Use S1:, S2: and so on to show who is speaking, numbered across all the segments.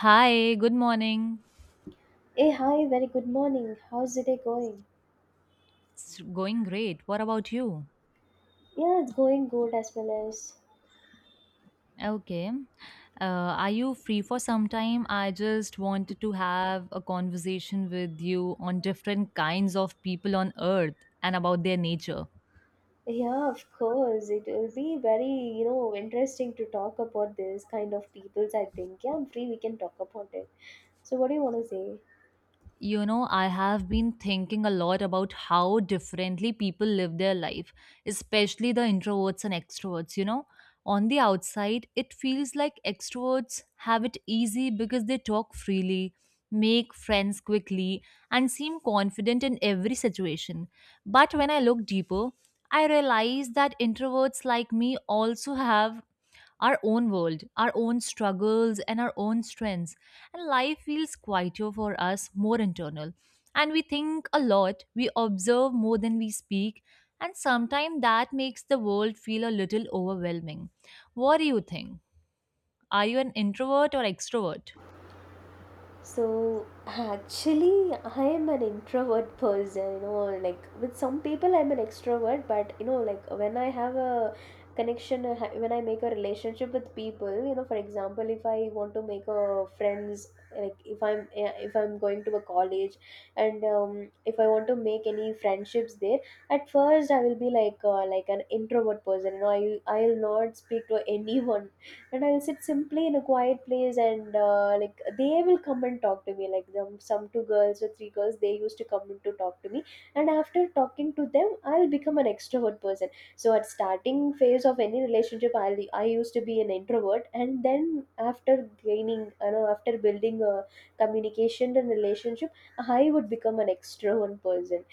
S1: Hi, good morning.
S2: Hey, hi, very good morning. How's the day going?
S1: It's going great. What about you?
S2: Yeah, it's going good as well as.
S1: Okay. Are you free for some time? I just wanted to have a conversation with you on different kinds of people on earth and about their nature.
S2: Yeah, of course. It will be very, interesting to talk about this kind of peoples, I think. Yeah, I'm free, we can talk about it. So, what do you want to say?
S1: You know, I have been thinking a lot about how differently people live their life, especially the introverts and extroverts, you know. On the outside it feels like extroverts have it easy because they talk freely, make friends quickly, and seem confident in every situation. But when I look deeper, I realize that introverts like me also have our own world, our own struggles, and our own strengths. And life feels quieter for us, more internal. And we think a lot, we observe more than we speak, and sometimes that makes the world feel a little overwhelming. What do you think? Are you an introvert or extrovert?
S2: So actually, I am an introvert person, like with some people I'm an extrovert, but like when I have a connection, when I make a relationship with people, for example, if I want to make a friends, like if I'm if I'm going to a college, and if I want to make any friendships there. At first I will be like an introvert person, I'll not speak to anyone, and I'll sit simply in a quiet place, and like they will come and talk to me, like them some two girls or three girls they used to come in to talk to me. And after talking to them, I'll become an extrovert person. So at starting phase of any relationship, I used to be an introvert, and then after gaining, after building a communication and relationship, I would become an extrovert person.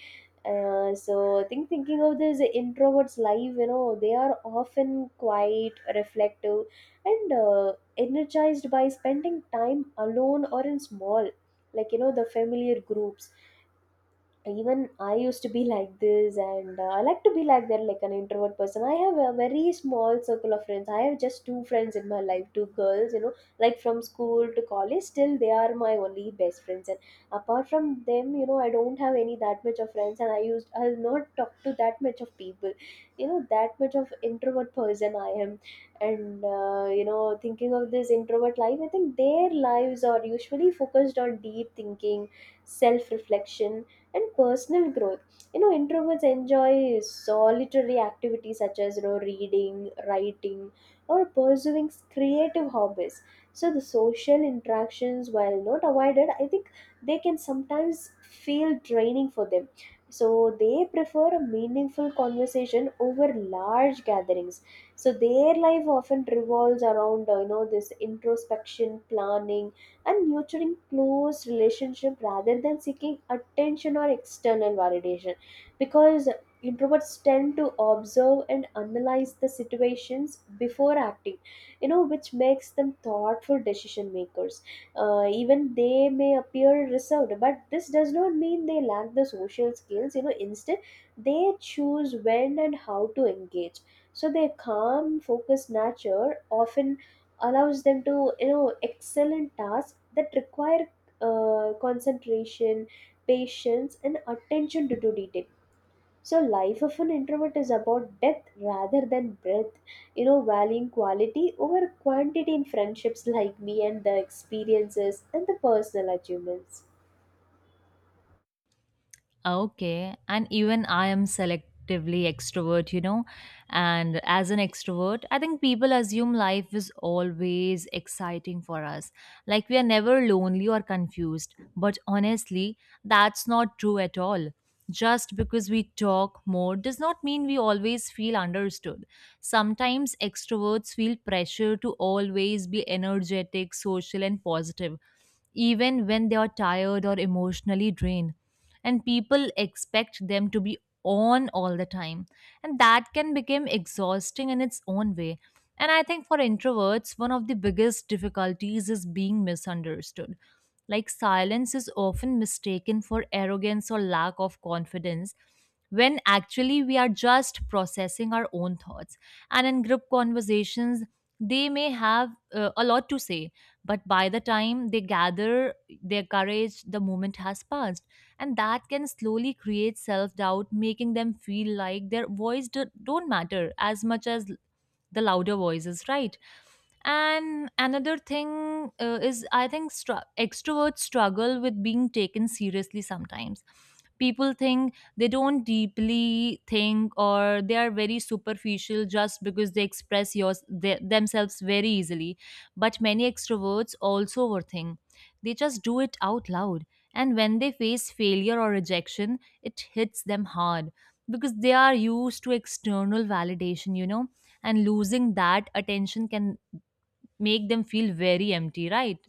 S2: So I think thinking of this introverts life, they are often quiet, reflective, and energized by spending time alone or in small, like the familiar groups. Even I used to be like this, and I like to be like that, like an introvert person. I have a very small circle of friends. I have just two friends in my life, two girls, like from school to college, still they are my only best friends. And apart from them, I don't have any that much of friends, and I'll not talk to that much of people, that much of introvert person I am. And, thinking of this introvert life, I think their lives are usually focused on deep thinking, self reflection, and personal growth. Introverts enjoy solitary activities such as reading, writing, or pursuing creative hobbies. So the social interactions, while not avoided, I think they can sometimes feel draining for them. So they prefer a meaningful conversation over large gatherings. So their life often revolves around this introspection, planning, and nurturing close relationship rather than seeking attention or external validation, because introverts tend to observe and analyze the situations before acting, which makes them thoughtful decision makers. Even they may appear reserved, but this does not mean they lack the social skills. Instead, they choose when and how to engage. So their calm focused nature often allows them to excel in tasks that require concentration, patience, and attention to detail. So life of an introvert is about depth rather than breadth, valuing quality over quantity in friendships like me, and the experiences and the personal achievements.
S1: Okay. And even I am selectively extrovert, you know. And as an extrovert, I think people assume life is always exciting for us. Like we are never lonely or confused. But honestly, that's not true at all. Just because we talk more does not mean we always feel understood. Sometimes extroverts feel pressure to always be energetic, social, and positive, even when they are tired or emotionally drained, and people expect them to be on all the time, and that can become exhausting in its own way. And I think for introverts, one of the biggest difficulties is being misunderstood. Like silence is often mistaken for arrogance or lack of confidence, when actually we are just processing our own thoughts. And in group conversations, they may have a lot to say, but by the time they gather their courage, the moment has passed. And that can slowly create self-doubt, making them feel like their voice don't matter as much as the louder voices, right? And another thing, is I think extroverts struggle with being taken seriously sometimes. People think they don't deeply think or they are very superficial just because they express yours their themselves very easily. But many extroverts also overthink, they just do it out loud. And when they face failure or rejection, it hits them hard, because they are used to external validation, you know, and losing that attention can make them feel very empty, right?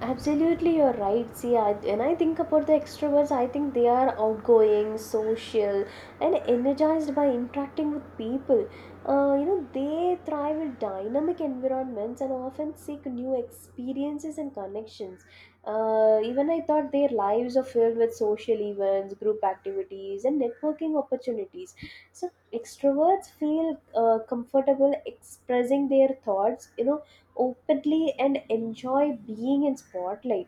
S2: Absolutely, you're right. See, I, when I think about the extroverts, I think they are outgoing, social, and energized by interacting with people. They thrive in dynamic environments and often seek new experiences and connections. Even I thought their lives are filled with social events, group activities, and networking opportunities. So, extroverts feel comfortable expressing their thoughts, openly, and enjoy being in spotlight.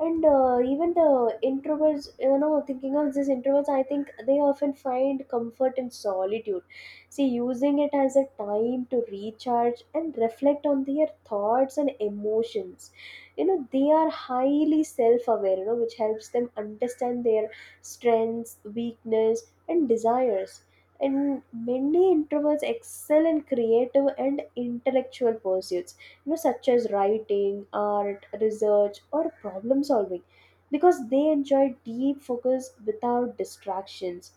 S2: And even the introverts, thinking of these introverts, I think they often find comfort in solitude, see, using it as a time to recharge and reflect on their thoughts and emotions. They are highly self-aware, which helps them understand their strengths, weakness, and desires. And many introverts excel in creative and intellectual pursuits, such as writing, art, research, or problem solving, because they enjoy deep focus without distractions.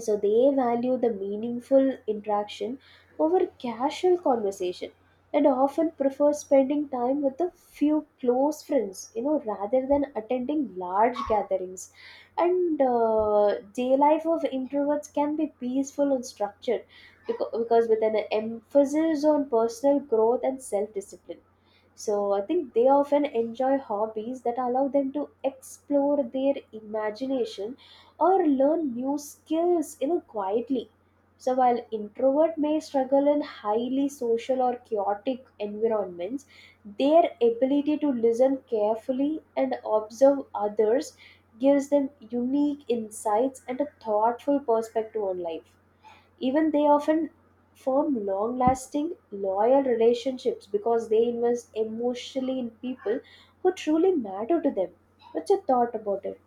S2: So they value the meaningful interaction over casual conversation, and often prefer spending time with a few close friends, rather than attending large gatherings. And day life of introverts can be peaceful and structured, because with an emphasis on personal growth and self discipline. So I think they often enjoy hobbies that allow them to explore their imagination or learn new skills, quietly. So while introvert may struggle in highly social or chaotic environments, their ability to listen carefully and observe others gives them unique insights and a thoughtful perspective on life. Even they often form long lasting, loyal relationships because they invest emotionally in people who truly matter to them. What's your thought about it?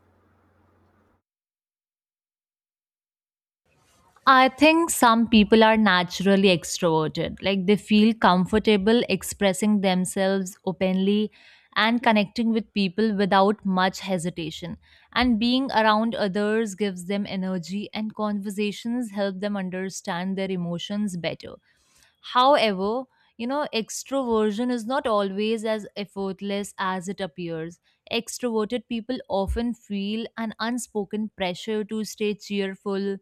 S1: I think some people are naturally extroverted. Like they feel comfortable expressing themselves openly and connecting with people without much hesitation. And being around others gives them energy, and conversations help them understand their emotions better. However, you know, extroversion is not always as effortless as it appears. Extroverted people often feel an unspoken pressure to stay cheerful,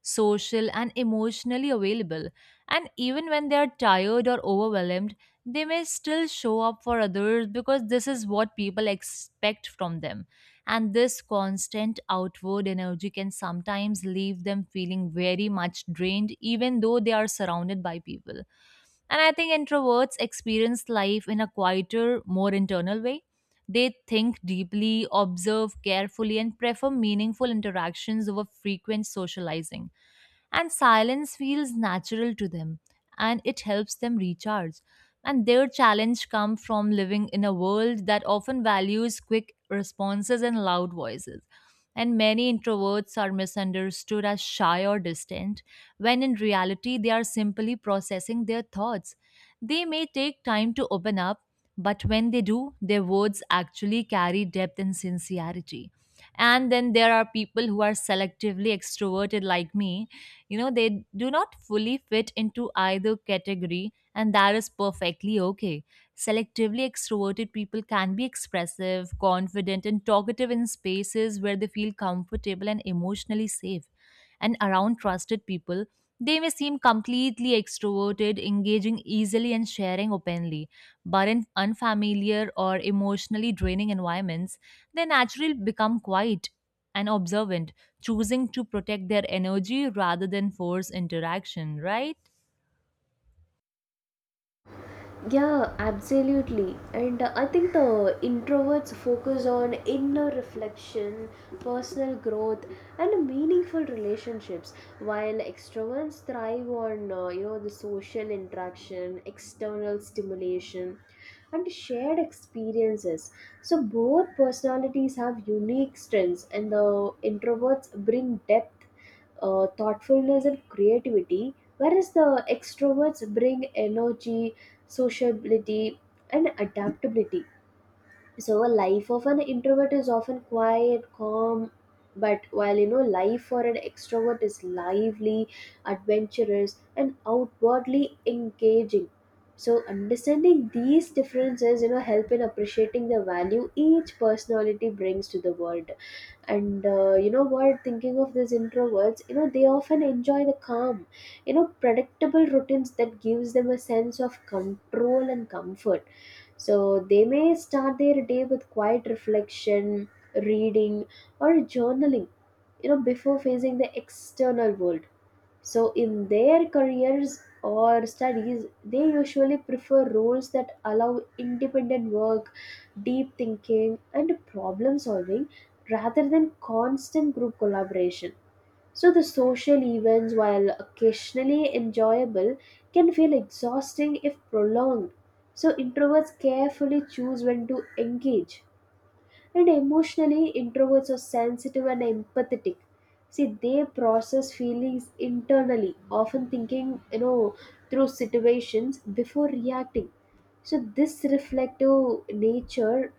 S1: social, and emotionally available. And even when they are tired or overwhelmed, they may still show up for others because this is what people expect from them. And this constant outward energy can sometimes leave them feeling very much drained, even though they are surrounded by people. And I think introverts experience life in a quieter, more internal way. They think deeply, observe carefully, and prefer meaningful interactions over frequent socializing. And silence feels natural to them and it helps them recharge. And their challenge comes from living in a world that often values quick responses and loud voices. And many introverts are misunderstood as shy or distant, when in reality they are simply processing their thoughts. They may take time to open up, but when they do, their words actually carry depth and sincerity. And then there are people who are selectively extroverted, like me. You know, they do not fully fit into either category, and that is perfectly okay. Selectively extroverted people can be expressive, confident, and talkative in spaces where they feel comfortable and emotionally safe. And around trusted people, they may seem completely extroverted, engaging easily and sharing openly, but in unfamiliar or emotionally draining environments, they naturally become quiet and observant, choosing to protect their energy rather than force interaction, right?
S2: Yeah, absolutely. And I think the introverts focus on inner reflection, personal growth, and meaningful relationships, while extroverts thrive on the social interaction, external stimulation, and shared experiences. So both personalities have unique strengths, and the introverts bring depth, thoughtfulness, and creativity, whereas the extroverts bring energy, sociability, and adaptability. So, a life of an introvert is often quiet, calm, but while life for an extrovert is lively, adventurous, and outwardly engaging. So, understanding these differences, help in appreciating the value each personality brings to the world. And you know what thinking of these introverts, they often enjoy the calm, predictable routines that gives them a sense of control and comfort. So they may start their day with quiet reflection, reading, or journaling, before facing the external world. So, in their careers or studies, they usually prefer roles that allow independent work, deep thinking, and problem solving rather than constant group collaboration. So, the social events, while occasionally enjoyable, can feel exhausting if prolonged. So, introverts carefully choose when to engage. And emotionally, introverts are sensitive and empathetic. See, they process feelings internally, often thinking, through situations before reacting. So, this reflective nature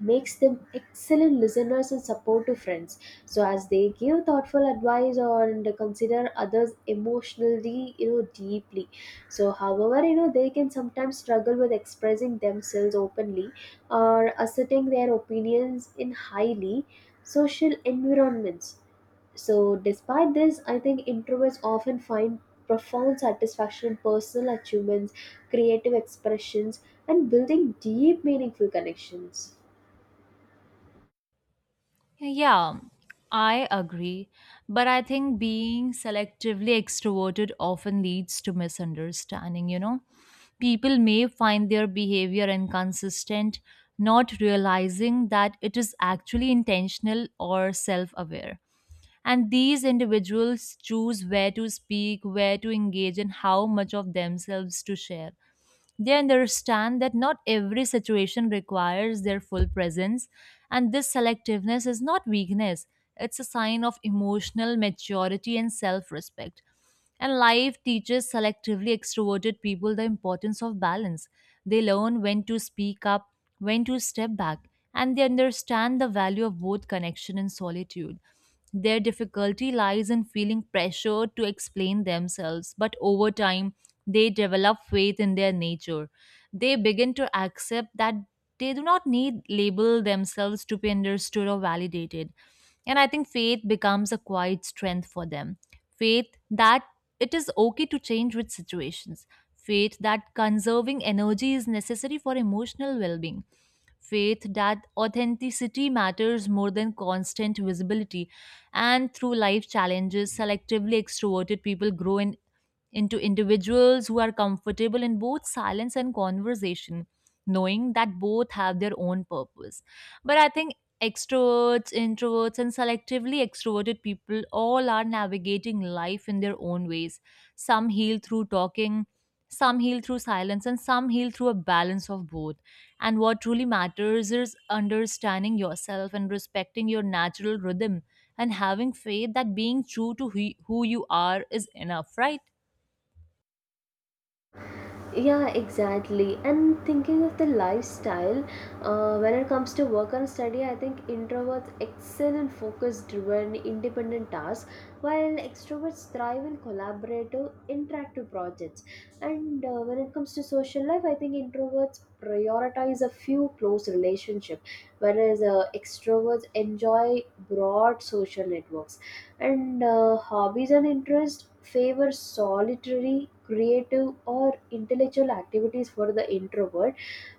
S2: makes them excellent listeners and supportive friends. So as they give thoughtful advice or and consider others emotionally, deeply. So however, they can sometimes struggle with expressing themselves openly or asserting their opinions in highly social environments. So despite this, I think introverts often find profound satisfaction in personal achievements, creative expressions, and building deep meaningful connections.
S1: Yeah, I agree. But I think being selectively extroverted often leads to misunderstanding, you know? People may find their behavior inconsistent, not realizing that it is actually intentional or self aware. And these individuals choose where to speak, where to engage, and how much of themselves to share. They understand that not every situation requires their full presence, and this selectiveness is not weakness, it's a sign of emotional maturity and self respect. And life teaches selectively extroverted people the importance of balance. They learn when to speak up, when to step back, and they understand the value of both connection and solitude. Their difficulty lies in feeling pressure to explain themselves, but over time, they develop faith in their nature. They begin to accept that they do not need label themselves to be understood or validated. And I think faith becomes a quiet strength for them. Faith that it is okay to change with situations. Faith that conserving energy is necessary for emotional well being, faith that authenticity matters more than constant visibility. And through life challenges, selectively extroverted people grow in into individuals who are comfortable in both silence and conversation, knowing that both have their own purpose. But I think extroverts, introverts, and selectively extroverted people all are navigating life in their own ways. Some heal through talking, some heal through silence, and some heal through a balance of both. And what truly matters is understanding yourself and respecting your natural rhythm and having faith that being true to who you are is enough, right?
S2: Yeah, exactly. And thinking of the lifestyle, when it comes to work and study, I think introverts excel in focus driven, independent tasks, while extroverts thrive in collaborative, interactive projects. And when it comes to social life, I think introverts prioritize a few close relationships, whereas extroverts enjoy broad social networks. And hobbies and interests favor solitary, creative, or intellectual activities for the introvert,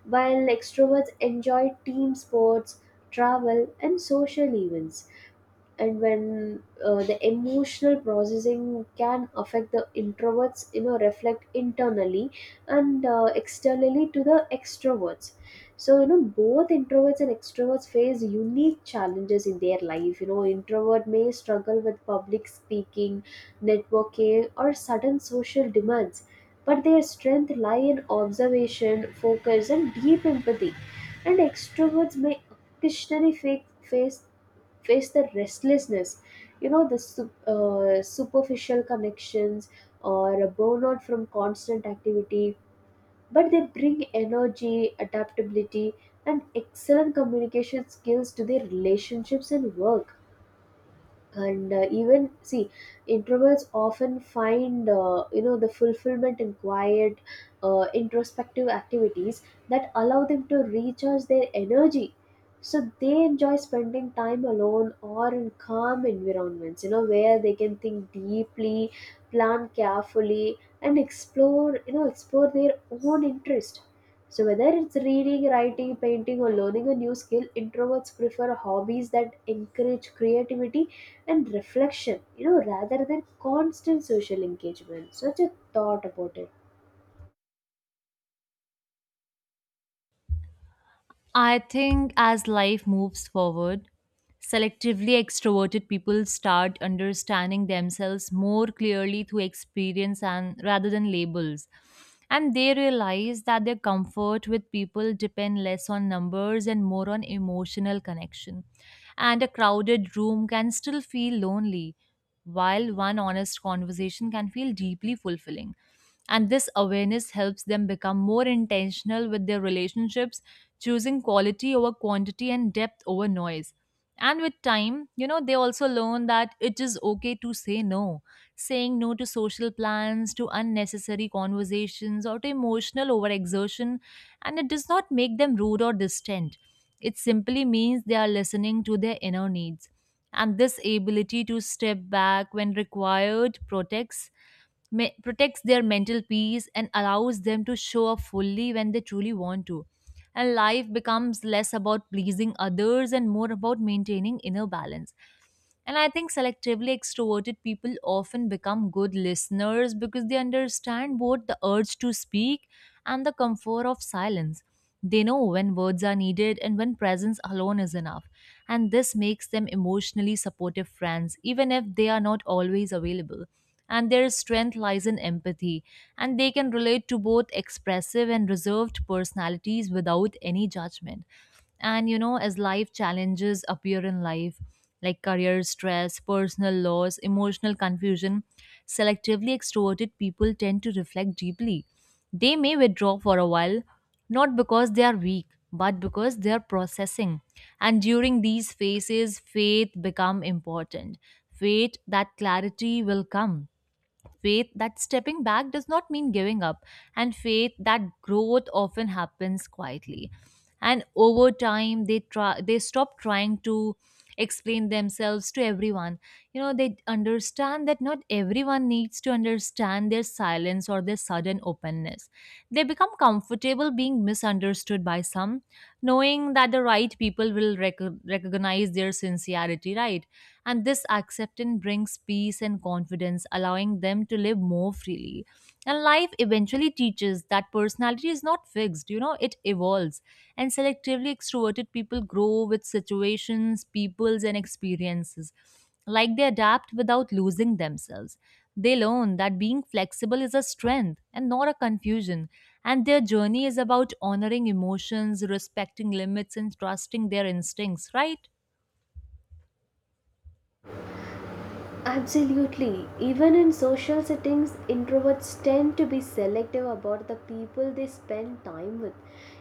S2: while extroverts enjoy team sports, travel, and social events. And when the emotional processing can affect the introverts, reflect internally, and externally to the extroverts. So both introverts and extroverts face unique challenges in their life. Introvert may struggle with public speaking, networking, or sudden social demands, but their strength lie in observation, focus, and deep empathy. And extroverts may occasionally face the restlessness, the superficial connections, or a burnout from constant activity, but they bring energy, adaptability, and excellent communication skills to their relationships and work. And even see, introverts often find the fulfillment in quiet, introspective activities that allow them to recharge their energy. So they enjoy spending time alone or in calm environments, where they can think deeply, plan carefully, and explore their own interest. So whether it's reading, writing, painting, or learning a new skill, introverts prefer hobbies that encourage creativity and reflection, rather than constant social engagement. Such a thought about it.
S1: I think as life moves forward, selectively extroverted people start understanding themselves more clearly through experience and rather than labels. And they realize that their comfort with people depend less on numbers and more on emotional connection. And a crowded room can still feel lonely, while one honest conversation can feel deeply fulfilling, and this awareness helps them become more intentional with their relationships, choosing quality over quantity and depth over noise. And with time, you know, they also learn that it is okay to say no. Saying no to social plans, to unnecessary conversations, or to emotional overexertion, and it does not make them rude or distant. It simply means they are listening to their inner needs. And this ability to step back when required protects protects their mental peace and allows them to show up fully when they truly want to. And life becomes less about pleasing others and more about maintaining inner balance. And I think selectively extroverted people often become good listeners because they understand both the urge to speak and the comfort of silence. They know when words are needed and when presence alone is enough. And this makes them emotionally supportive friends, even if they are not always available, and their strength lies in empathy, and they can relate to both expressive and reserved personalities without any judgment. And you know, as life challenges appear in life, like career stress, personal loss, emotional confusion, selectively extroverted people tend to reflect deeply. They may withdraw for a while, not because they are weak, but because they are processing. And during these phases, faith become important. Faith that clarity will come, faith that stepping back does not mean giving up, and faith that growth often happens quietly. And over time, they stop trying to explain themselves to everyone. You know, they understand that not everyone needs to understand their silence or their sudden openness. They become comfortable being misunderstood by some, knowing that the right people will recognize their sincerity, right? And this acceptance brings peace and confidence, allowing them to live more freely. And life eventually teaches that personality is not fixed, you know, it evolves. And selectively extroverted people grow with situations, peoples, and experiences. Like they adapt without losing themselves. They learn that being flexible is a strength and not a confusion. And their journey is about honoring emotions, respecting limits, and trusting their instincts, right?
S2: Absolutely. Even in social settings, introverts tend to be selective about the people they spend time with.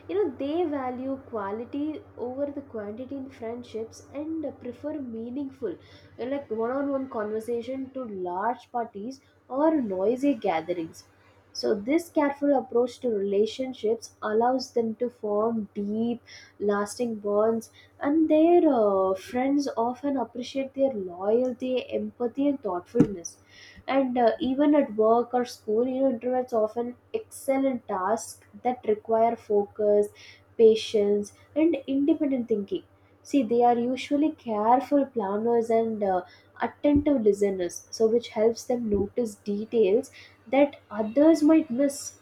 S2: They value quality over the quantity in friendships, and prefer meaningful, like one on one conversation to large parties or noisy gatherings. So, this careful approach to relationships allows them to form deep, lasting bonds, and their friends often appreciate their loyalty, empathy, and thoughtfulness. And even at work or school, introverts often excel in tasks that require focus, patience, and independent thinking. See, they are usually careful planners and attentive listeners, so which helps them notice details that others might miss.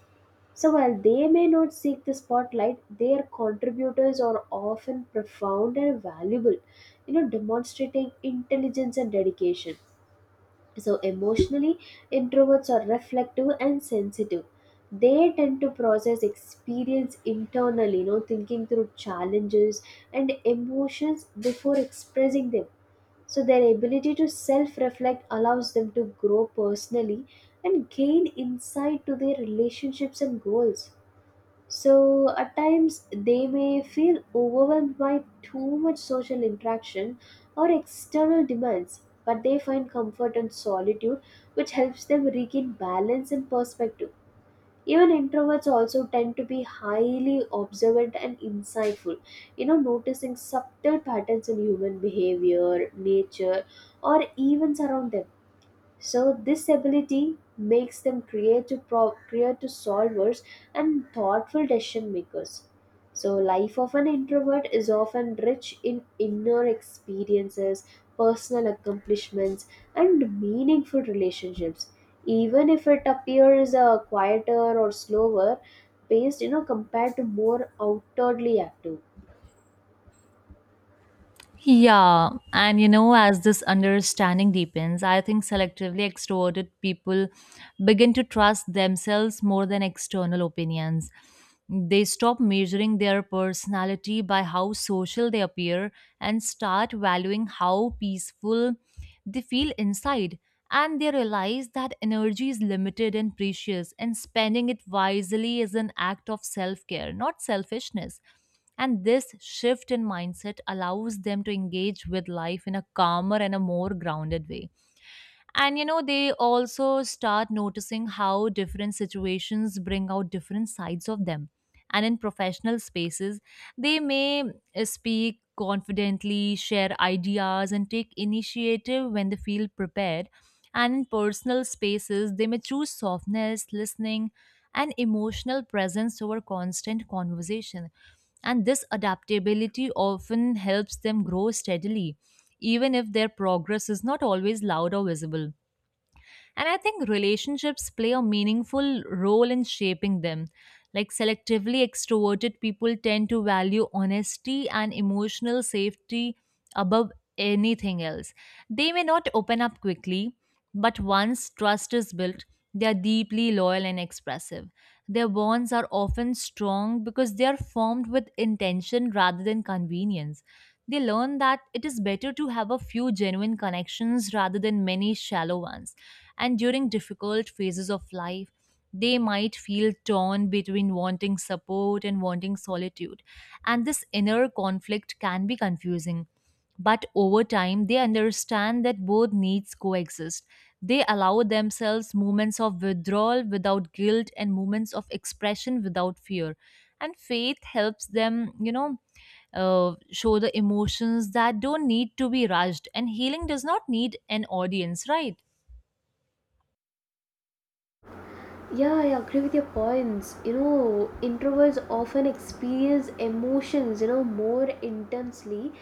S2: So while they may not seek the spotlight, their contributors are often profound and valuable, demonstrating intelligence and dedication. So emotionally, introverts are reflective and sensitive. They tend to process experience internally, thinking through challenges and emotions before expressing them. So their ability to self-reflect allows them to grow personally and gain insight to their relationships and goals. So at times they may feel overwhelmed by too much social interaction or external demands, but they find comfort in solitude, which helps them regain balance and perspective. Even introverts also tend to be highly observant and insightful, you know, noticing subtle patterns in human behavior, nature, or events around them, so this ability makes them creative, creative solvers and thoughtful decision makers. So life of an introvert is often rich in inner experiences, personal accomplishments, and meaningful relationships. Even if it appears quieter or slower paced, you know, compared to more outwardly active.
S1: Yeah, and you know, as this understanding deepens, I think selectively extroverted people begin to trust themselves more than external opinions. They stop measuring their personality by how social they appear and start valuing how peaceful they feel inside, and they realize that energy is limited and precious, and spending it wisely is an act of self care, not selfishness. And this shift in mindset allows them to engage with life in a calmer and a more grounded way. And you know, they also start noticing how different situations bring out different sides of them. And in professional spaces, they may speak confidently, share ideas, and take initiative when they feel prepared. And in personal spaces, they may choose softness, listening, and emotional presence over constant conversation. And this adaptability often helps them grow steadily, even if their progress is not always loud or visible. And I think relationships play a meaningful role in shaping them. Like selectively extroverted people tend to value honesty and emotional safety above anything else. They may not open up quickly, but once trust is built, they are deeply loyal and expressive. Their bonds are often strong because they are formed with intention rather than convenience. They learn that it is better to have a few genuine connections rather than many shallow ones. And during difficult phases of life, they might feel torn between wanting support and wanting solitude, and this inner conflict can be confusing, but over time they understand that both needs coexist. They allow themselves moments of withdrawal without guilt and moments of expression without fear. And faith helps them, you know, show the emotions that don't need to be rushed, and healing does not need an audience, right?
S2: Yeah, I agree with your points. You know, introverts often experience emotions, you know, more intensely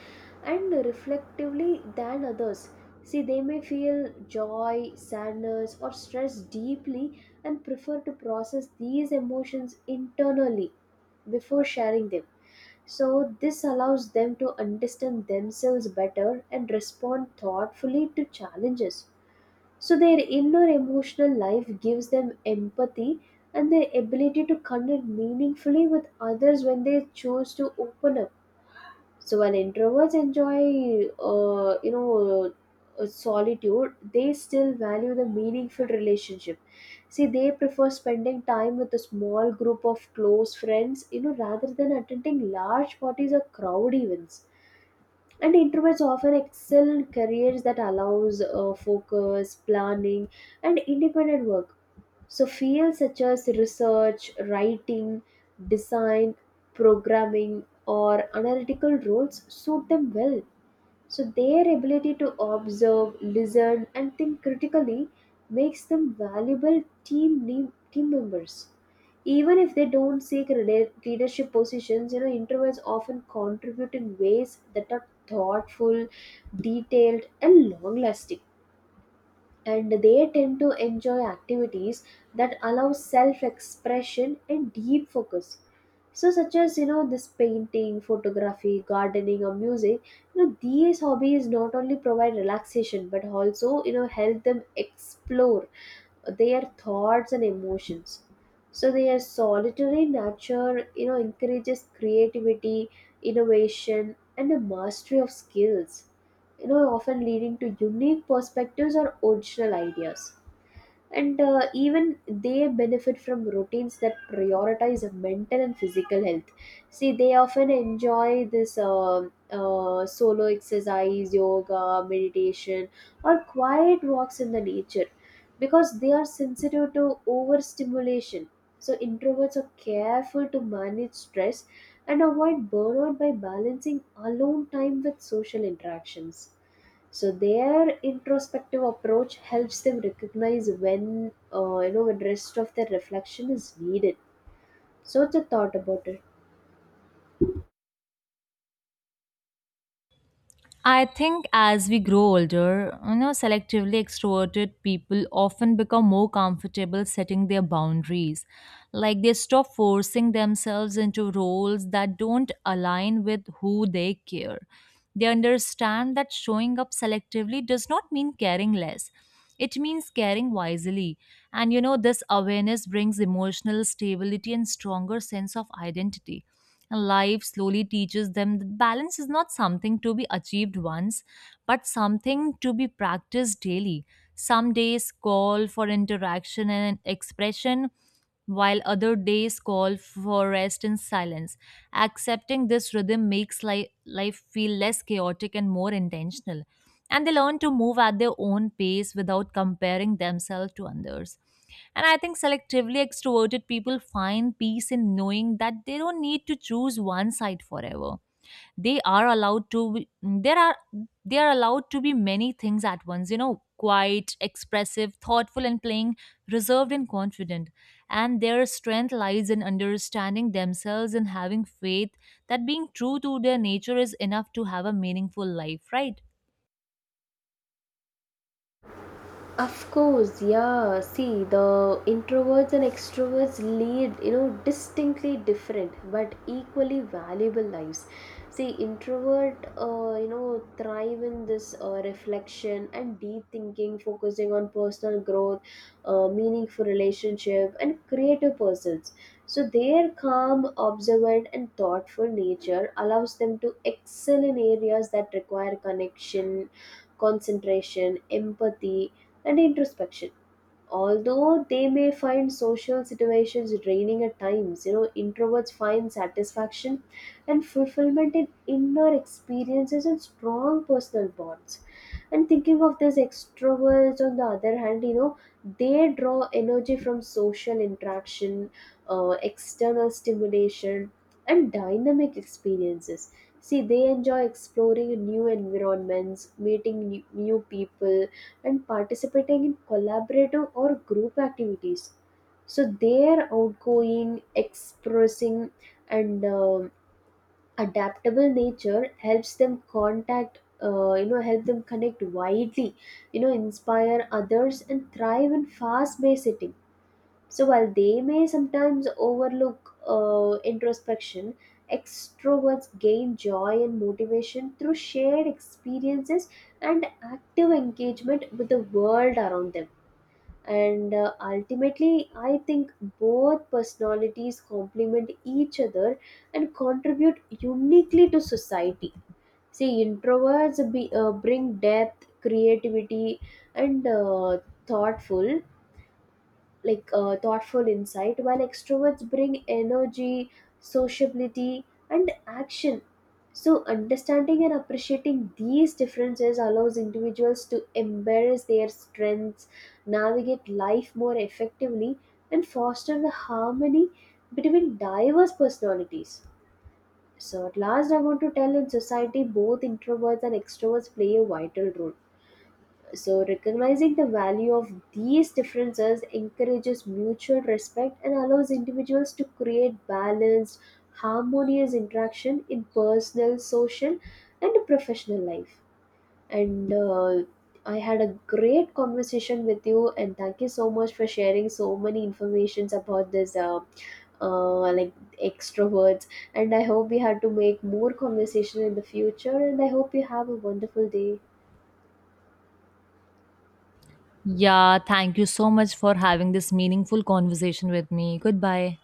S2: and reflectively than others. See, they may feel joy, sadness, or stress deeply and prefer to process these emotions internally before sharing them. So, this allows them to understand themselves better and respond thoughtfully to challenges. So their inner emotional life gives them empathy and the ability to connect meaningfully with others when they choose to open up. So while introverts enjoy, solitude, they still value the meaningful relationship. See, they prefer spending time with a small group of close friends, you know, rather than attending large parties or crowd events, and introverts often excel in careers that allows focus planning and independent work. So fields such as research, writing, design, programming, or analytical roles suit them well. So, their ability to observe, listen, and think critically makes them valuable team members. Even if they don't seek leadership positions, you know, introverts often contribute in ways that are thoughtful, detailed, and long-lasting, and they tend to enjoy activities that allow self expression and deep focus, so such as, you know, this painting, photography, gardening, or music. You know, these hobbies not only provide relaxation but also, you know, help them explore their thoughts and emotions. So their solitary nature, you know, encourages creativity, innovation, and a mastery of skills, you know, often leading to unique perspectives or original ideas. And even they benefit from routines that prioritize mental and physical health. See, they often enjoy this solo exercise, yoga, meditation, or quiet walks in the nature. Because they are sensitive to overstimulation, so introverts are careful to manage stress and avoid burnout by balancing alone time with social interactions. So their introspective approach helps them recognize when, you know, when rest of their reflection is needed. So it's a thought about it.
S1: I think as we grow older, you know, selectively extroverted people often become more comfortable setting their boundaries. Like they stop forcing themselves into roles that don't align with who they care. They understand that showing up selectively does not mean caring less. It means caring wisely. And you know, this awareness brings emotional stability and stronger sense of identity. And life slowly teaches them that balance is not something to be achieved once, but something to be practiced daily. Some days call for interaction and expression, while other days call for rest and silence. Accepting this rhythm makes life feel less chaotic and more intentional. And they learn to move at their own pace without comparing themselves to others. And I think selectively extroverted people find peace in knowing that they don't need to choose one side forever. They are allowed to be, there are they are allowed to be many things at once, you know, quiet, expressive, thoughtful and playing, reserved and confident. And their strength lies in understanding themselves and having faith that being true to their nature is enough to have a meaningful life, right?
S2: Of course, yeah. See, the introverts and extroverts lead, you know, distinctly different but equally valuable lives. See, introvert, you know, thrive in this reflection and deep thinking, focusing on personal growth, meaningful relationship, and creative pursuits. So, their calm, observant, and thoughtful nature allows them to excel in areas that require connection, concentration, empathy, and introspection. Although they may find social situations draining at times, you know, introverts find satisfaction and fulfillment in inner experiences and strong personal bonds. And thinking of this, extroverts, on the other hand, you know, they draw energy from social interaction, external stimulation, and dynamic experiences. See, they enjoy exploring new environments, meeting new people, and participating in collaborative or group activities. So they are outgoing, expressing, and adaptable nature helps them contact. You know, help them connect widely. You know, inspire others and thrive in fast-paced setting. So while they may sometimes overlook introspection, extroverts gain joy and motivation through shared experiences and active engagement with the world around them. And ultimately, I think both personalities complement each other and contribute uniquely to society. See, introverts bring depth, creativity, and thoughtful thoughtful insight, while extroverts bring energy, sociability, and action. So understanding and appreciating these differences allows individuals to embrace their strengths, navigate life more effectively, and foster the harmony between diverse personalities. So at last, I want to tell, in society both introverts and extroverts play a vital role. So, recognizing the value of these differences encourages mutual respect and allows individuals to create balanced, harmonious interaction in personal, social, and professional life. And I had a great conversation with you, and thank you so much for sharing so many informations about this, uh, like extroverts. And I hope we had to make more conversation in the future. And I hope you have a wonderful day.
S1: Yeah, thank you so much for having this meaningful conversation with me. Goodbye.